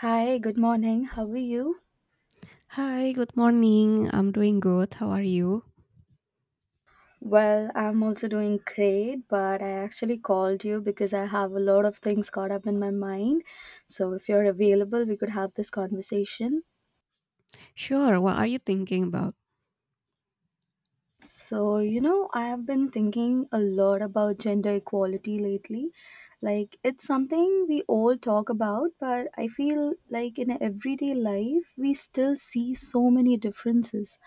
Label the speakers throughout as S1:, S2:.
S1: Hi, good morning. How are you?
S2: Hi, good morning. I'm doing good. How are you?
S1: Well, I'm also doing great, but I actually called you because I have a lot of things caught up in my mind. So, if you're available, we could have this conversation.
S2: Sure, what are you thinking about?
S1: So, I have been thinking a lot about gender equality lately. Like, it's something we all talk about, but I feel like in everyday life, we still see so many differences.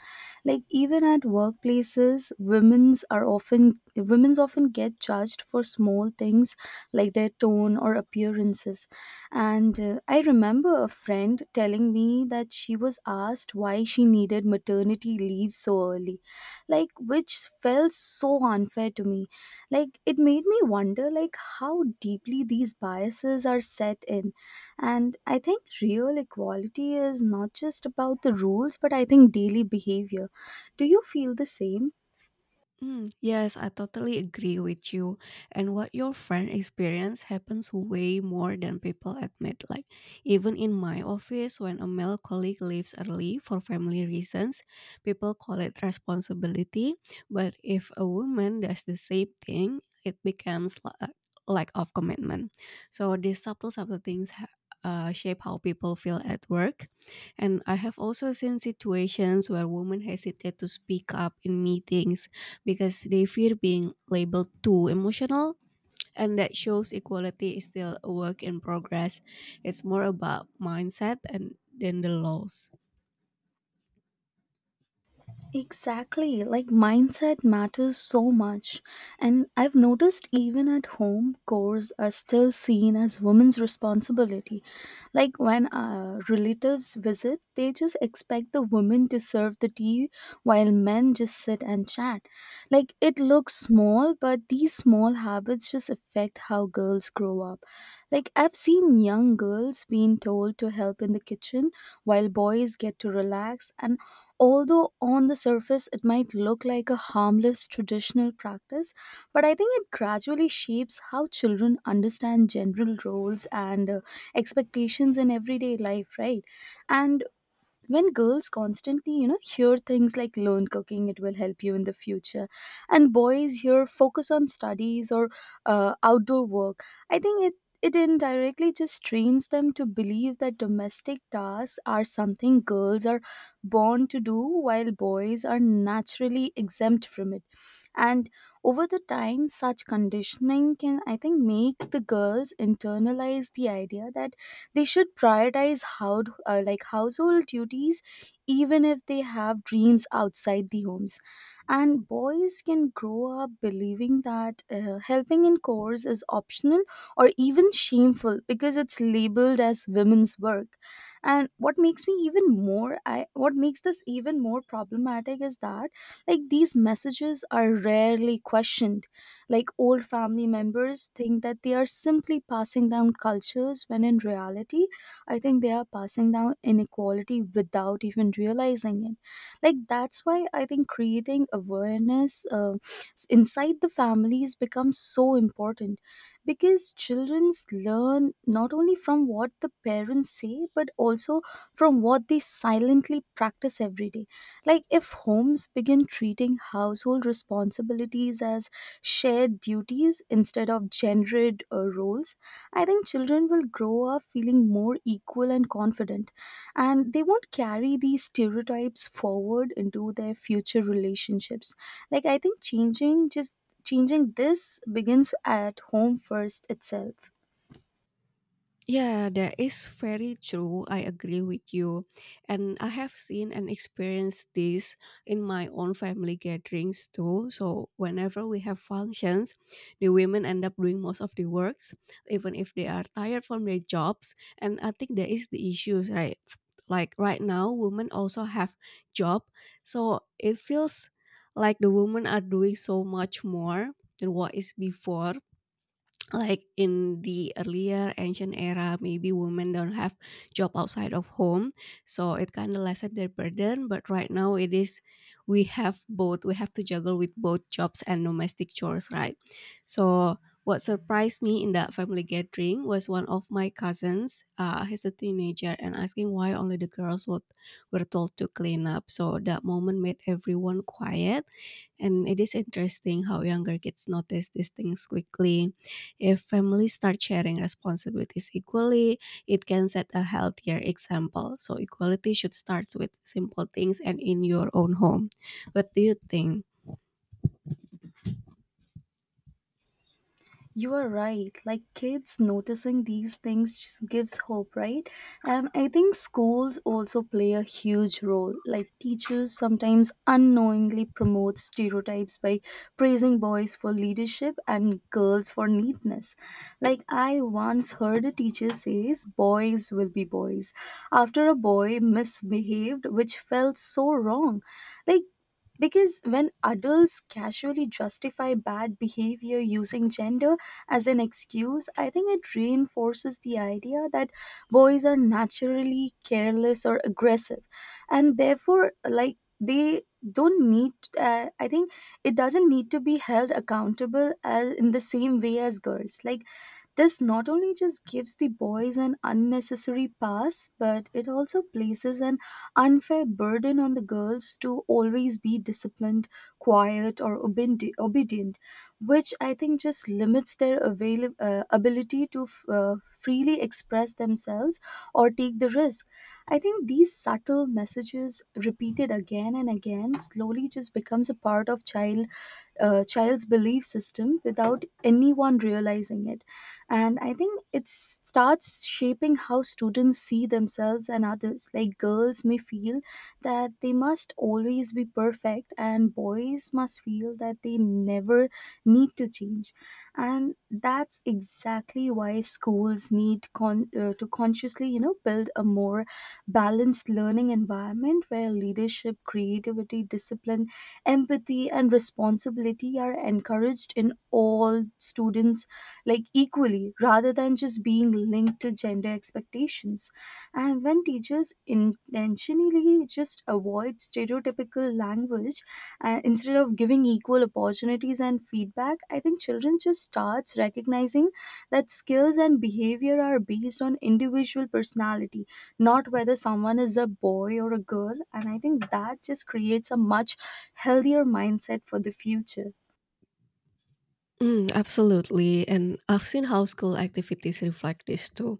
S1: Like, even at workplaces, women's often get judged for small things like their tone or appearances. And I remember a friend telling me that she was asked why she needed maternity leave so early, like which felt so unfair to me. Like it made me wonder like how deeply these biases are set in. And I think real equality is not just about the rules, but I think daily behavior. Do you feel the same?
S2: Mm, yes, I totally agree with you. And what your friend experience happens way more than people admit. Like, even in my office, when a male colleague leaves early for family reasons, people call it responsibility. But if a woman does the same thing, it becomes lack of commitment. So these subtle things shape how people feel at work. And I have also seen situations where women hesitate to speak up in meetings because they fear being labeled too emotional, and that shows equality is still a work in progress. It's more about mindset and than the laws.
S1: Exactly, like mindset matters so much. And I've noticed even at home, chores are still seen as women's responsibility. Like when relatives visit, they just expect the women to serve the tea while men just sit and chat. Like it looks small, but these small habits just affect how girls grow up. Like, I've seen young girls being told to help in the kitchen while boys get to relax, and although on the surface it might look like a harmless traditional practice, but I think it gradually shapes how children understand general roles and expectations in everyday life, right? And when girls constantly hear things like learn cooking it will help you in the future, and boys here focus on studies or outdoor work. I think it indirectly just trains them to believe that domestic tasks are something girls are born to do, while boys are naturally exempt from it. And over the time such conditioning can, I think, make the girls internalize the idea that they should prioritize how like household duties, even if they have dreams outside the homes. And boys can grow up believing that helping in chores is optional or even shameful because it's labeled as women's work. And what makes this even more problematic is that like these messages are rarely questioned. Like old family members think that they are simply passing down cultures when in reality, I think they are passing down inequality without even realizing it. Like that's why I think creating awareness inside the families becomes so important, because childrens learn not only from what the parents say but also from what they silently practice every day. Like, if homes begin treating household responsibilities as shared duties instead of gendered roles, I think children will grow up feeling more equal and confident, and they won't carry these stereotypes forward into their future relationships. Like, I think changing this begins at home first itself.
S2: Yeah, that is very true. I agree with you. And I have seen and experienced this in my own family gatherings too. So, whenever we have functions, the women end up doing most of the works, even if they are tired from their jobs. And I think that is the issue, right? Like right now, women also have job. So, it feels like the women are doing so much more than what is before, like in the earlier ancient era maybe women don't have job outside of home, so it kind of lessened their burden. But right now it is, we have both, we have to juggle with both jobs and domestic chores, right? So what surprised me in that family gathering was one of my cousins, he's a teenager, and asking why only the girls would, were told to clean up. So that moment made everyone quiet, and it is interesting how younger kids notice these things quickly. If families start sharing responsibilities equally, it can set a healthier example. So, equality should start with simple things and in your own home. What do you think?
S1: You are right. Like kids noticing these things just gives hope, right? And I think schools also play a huge role. Like teachers sometimes unknowingly promote stereotypes by praising boys for leadership and girls for neatness. Like I once heard a teacher says boys will be boys after a boy misbehaved, which felt so wrong. Like because when adults casually justify bad behavior using gender as an excuse, I think it reinforces the idea that boys are naturally careless or aggressive, and therefore, like, they don't need, I think it doesn't need to be held accountable as in the same way as girls. Like this not only just gives the boys an unnecessary pass, but it also places an unfair burden on the girls to always be disciplined, quiet, or obedient, which I think just limits their ability to freely express themselves or take the risk. I think these subtle messages, repeated again and again, slowly just becomes a part of child's belief system without anyone realizing it. And I think it starts shaping how students see themselves and others. Like girls may feel that they must always be perfect, and boys must feel that they never need to change. And that's exactly why schools need to consciously build a more balanced learning environment where leadership, creativity, discipline, empathy and responsibility are encouraged in all students, like equally rather than just being linked to gender expectations. And when teachers intentionally just avoid stereotypical language, instead of giving equal opportunities and feedback, I think children just starts recognizing that skills and behavior are based on individual personality, not whether someone is a boy or a girl. And I think that just creates a much healthier mindset for the future.
S2: Mm, absolutely. And I've seen how school activities reflect this too.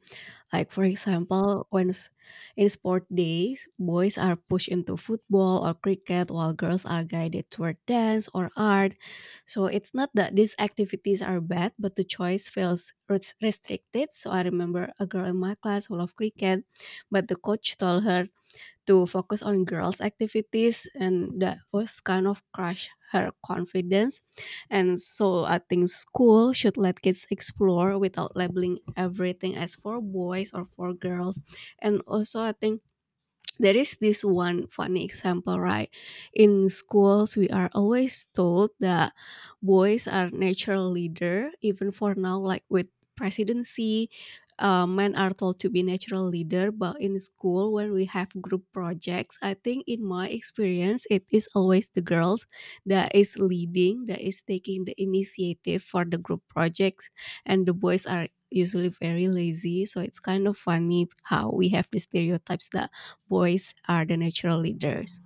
S2: Like for example, in sport days, boys are pushed into football or cricket while girls are guided toward dance or art. So it's not that these activities are bad, but the choice feels restricted. So I remember a girl in my class who loved cricket, but the coach told her to focus on girls' activities, and that was kind of crush her confidence. And so I think school should let kids explore without labeling everything as for boys or for girls. And also I think there is this one funny example, right? In schools, we are always told that boys are natural leader, even for now, like with presidency, men are told to be natural leader. But in school, when we have group projects, I think in my experience, it is always the girls that is leading, that is taking the initiative for the group projects, and the boys are usually very lazy, so it's kind of funny how we have the stereotypes that boys are the natural leaders.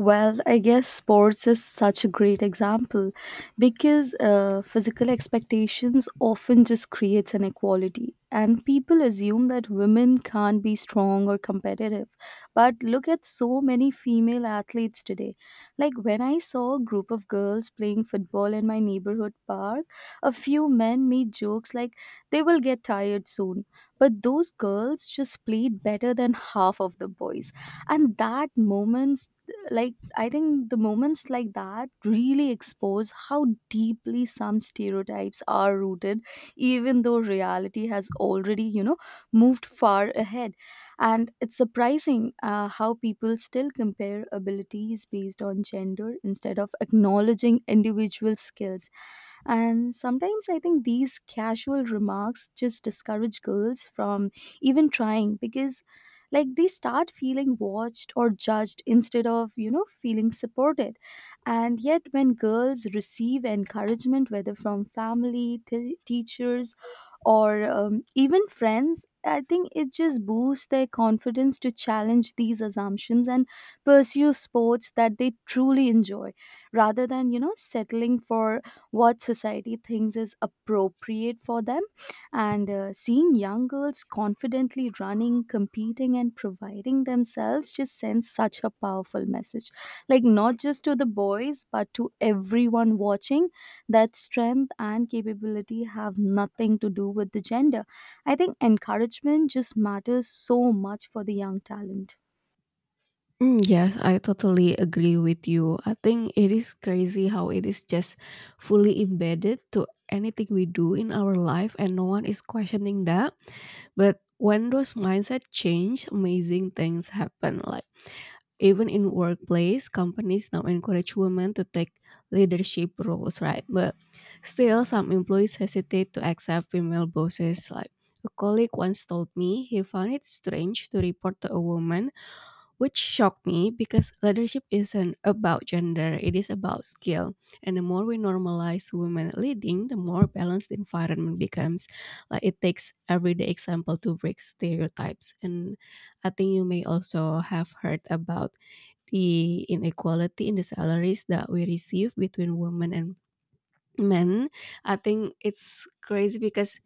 S1: Well, I guess sports is such a great example, because physical expectations often just creates inequality, and people assume that women can't be strong or competitive. But look at so many female athletes today. Like when I saw a group of girls playing football in my neighborhood park, a few men made jokes like they will get tired soon, but those girls just played better than half of the boys, and that moment like I think the moments like that really expose how deeply some stereotypes are rooted, even though reality has already moved far ahead. And it's surprising, how people still compare abilities based on gender instead of acknowledging individual skills. And sometimes I think these casual remarks just discourage girls from even trying, because like they start feeling watched or judged instead of feeling supported. And yet when girls receive encouragement, whether from family, teachers or even friends, I think it just boosts their confidence to challenge these assumptions and pursue sports that they truly enjoy, rather than settling for what society thinks is appropriate for them. And seeing young girls confidently running, competing, and providing themselves just sends such a powerful message. Like, not just to the boys, but to everyone watching, that strength and capability have nothing to do with the gender. I think encouragement just matters so much for the young talent.
S2: Mm, yes, I totally agree with you. I think it is crazy how it is just fully embedded to anything we do in our life, and no one is questioning that. But when those mindset change, amazing things happen. Like even in workplace, companies now encourage women to take leadership roles, right? But still some employees hesitate to accept female bosses. Like a colleague once told me he found it strange to report to a woman, which shocked me because leadership isn't about gender, it is about skill. And the more we normalize women leading, the more balanced the environment becomes. Like it takes everyday example to break stereotypes. And I think you may also have heard about the inequality in the salaries that we receive between women and men. I think it's crazy because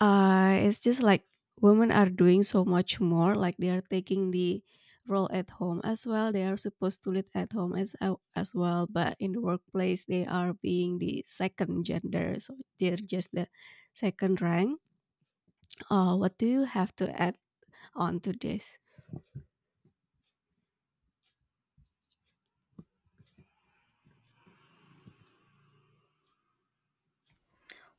S2: it's just like women are doing so much more, like they are taking the role at home as well, they are supposed to lead at home as well, but in the workplace they are being the second gender, so they're just the second rank. What do you have to add on to this?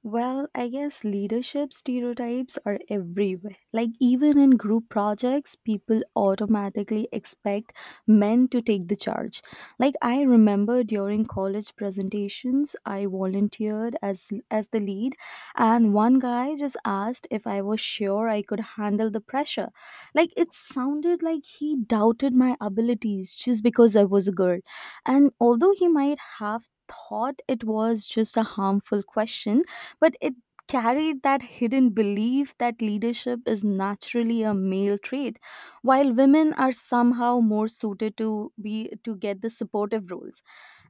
S1: Well, I guess leadership stereotypes are everywhere. Like, even in group projects, people automatically expect men to take the charge. Like, I remember during college presentations, I volunteered as the lead, and one guy just asked if I was sure I could handle the pressure. Like, it sounded like he doubted my abilities just because I was a girl. And although he might have thought it was just a harmful question, but it carried that hidden belief that leadership is naturally a male trait, while women are somehow more suited to get the supportive roles.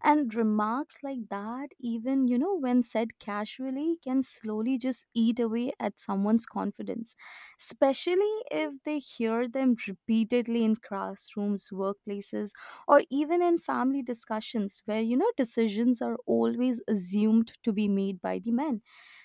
S1: And remarks like that, even when said casually, can slowly just eat away at someone's confidence, especially if they hear them repeatedly in classrooms, workplaces, or even in family discussions where decisions are always assumed to be made by the men.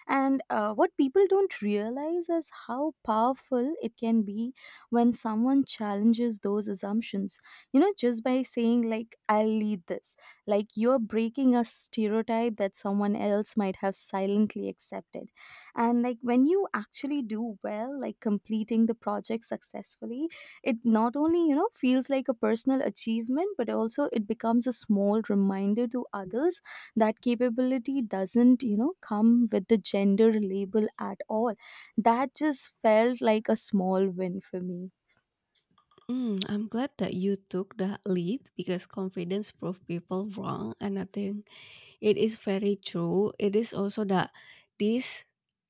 S1: And what people don't realize is how powerful it can be when someone challenges those assumptions. Just by saying, like, I'll lead this, like, you're breaking a stereotype that someone else might have silently accepted. And like when you actually do well, like completing the project successfully, it not only feels like a personal achievement, but also it becomes a small reminder to others that capability doesn't come with the gender label at all. That just felt like a small win for me.
S2: Mm, I'm glad that you took the lead because confidence proved people wrong, and I think it is very true. It is also that this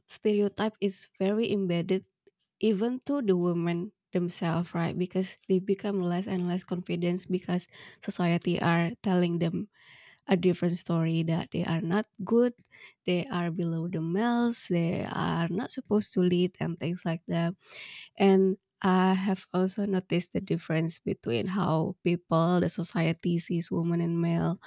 S2: stereotype is very embedded even to the women themselves, right? Because they become less and less confident because society are telling them a different story, that they are not good, they are below the males, they are not supposed to lead and things like that. And I have also noticed the difference between how people, the society sees women and male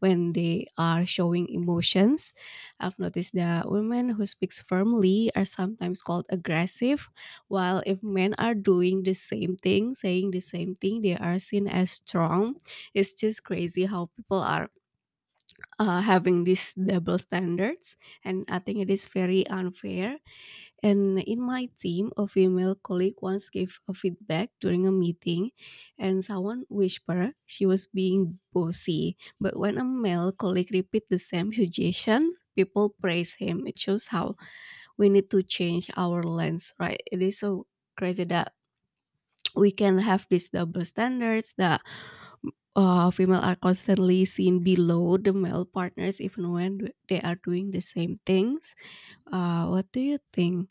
S2: when they are showing emotions. I've noticed that women who speaks firmly are sometimes called aggressive, while if men are doing the same thing, saying the same thing, they are seen as strong. It's just crazy how people are having these double standards, and I think it is very unfair. And in my team, a female colleague once gave a feedback during a meeting, and someone whispered she was being bossy. But when a male colleague repeat the same suggestion, people praise him. It shows how we need to change our lens, right? It is so crazy that we can have these double standards, that female are constantly seen below the male partners, even when they are doing the same things. What do you think?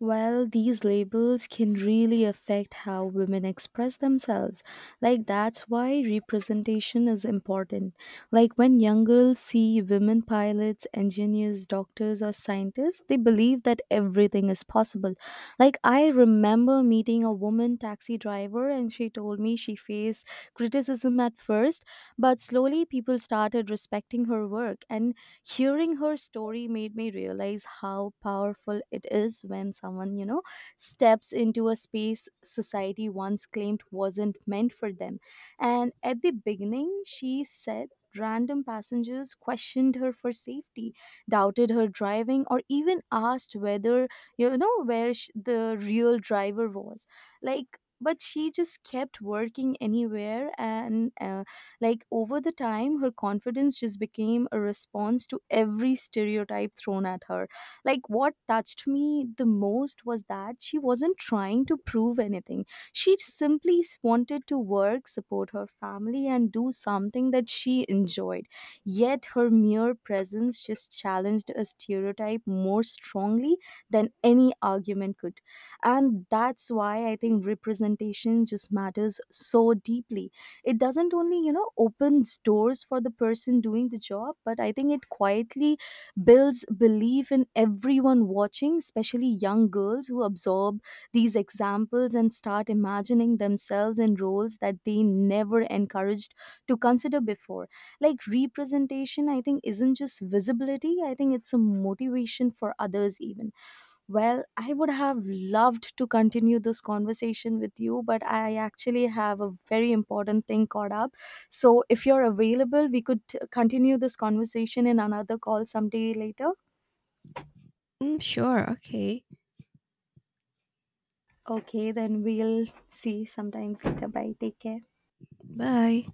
S1: Well, these labels can really affect how women express themselves. Like, that's why representation is important. Like, when young girls see women pilots, engineers, doctors, or scientists, they believe that everything is possible. Like, I remember meeting a woman taxi driver, and she told me she faced criticism at first, but slowly people started respecting her work. And hearing her story made me realize how powerful it is when someone, steps into a space society once claimed wasn't meant for them. And at the beginning, she said, random passengers questioned her for safety, doubted her driving, or even asked whether, where the real driver was. Like, but she just kept working anywhere and like over the time, her confidence just became a response to every stereotype thrown at her. Like what touched me the most was that she wasn't trying to prove anything. She simply wanted to work, support her family, and do something that she enjoyed. Yet her mere presence just challenged a stereotype more strongly than any argument could. And that's why I think representation just matters so deeply. It doesn't only opens doors for the person doing the job, but I think it quietly builds belief in everyone watching, especially young girls who absorb these examples and start imagining themselves in roles that they never encouraged to consider before. Like representation, I think, isn't just visibility. I think it's a motivation for others even. Well, I would have loved to continue this conversation with you, but I actually have a very important thing caught up. So, if you're available, we could continue this conversation in another call someday later.
S2: Mm, sure, okay.
S1: Okay, then we'll see sometimes later. Bye. Take care.
S2: Bye.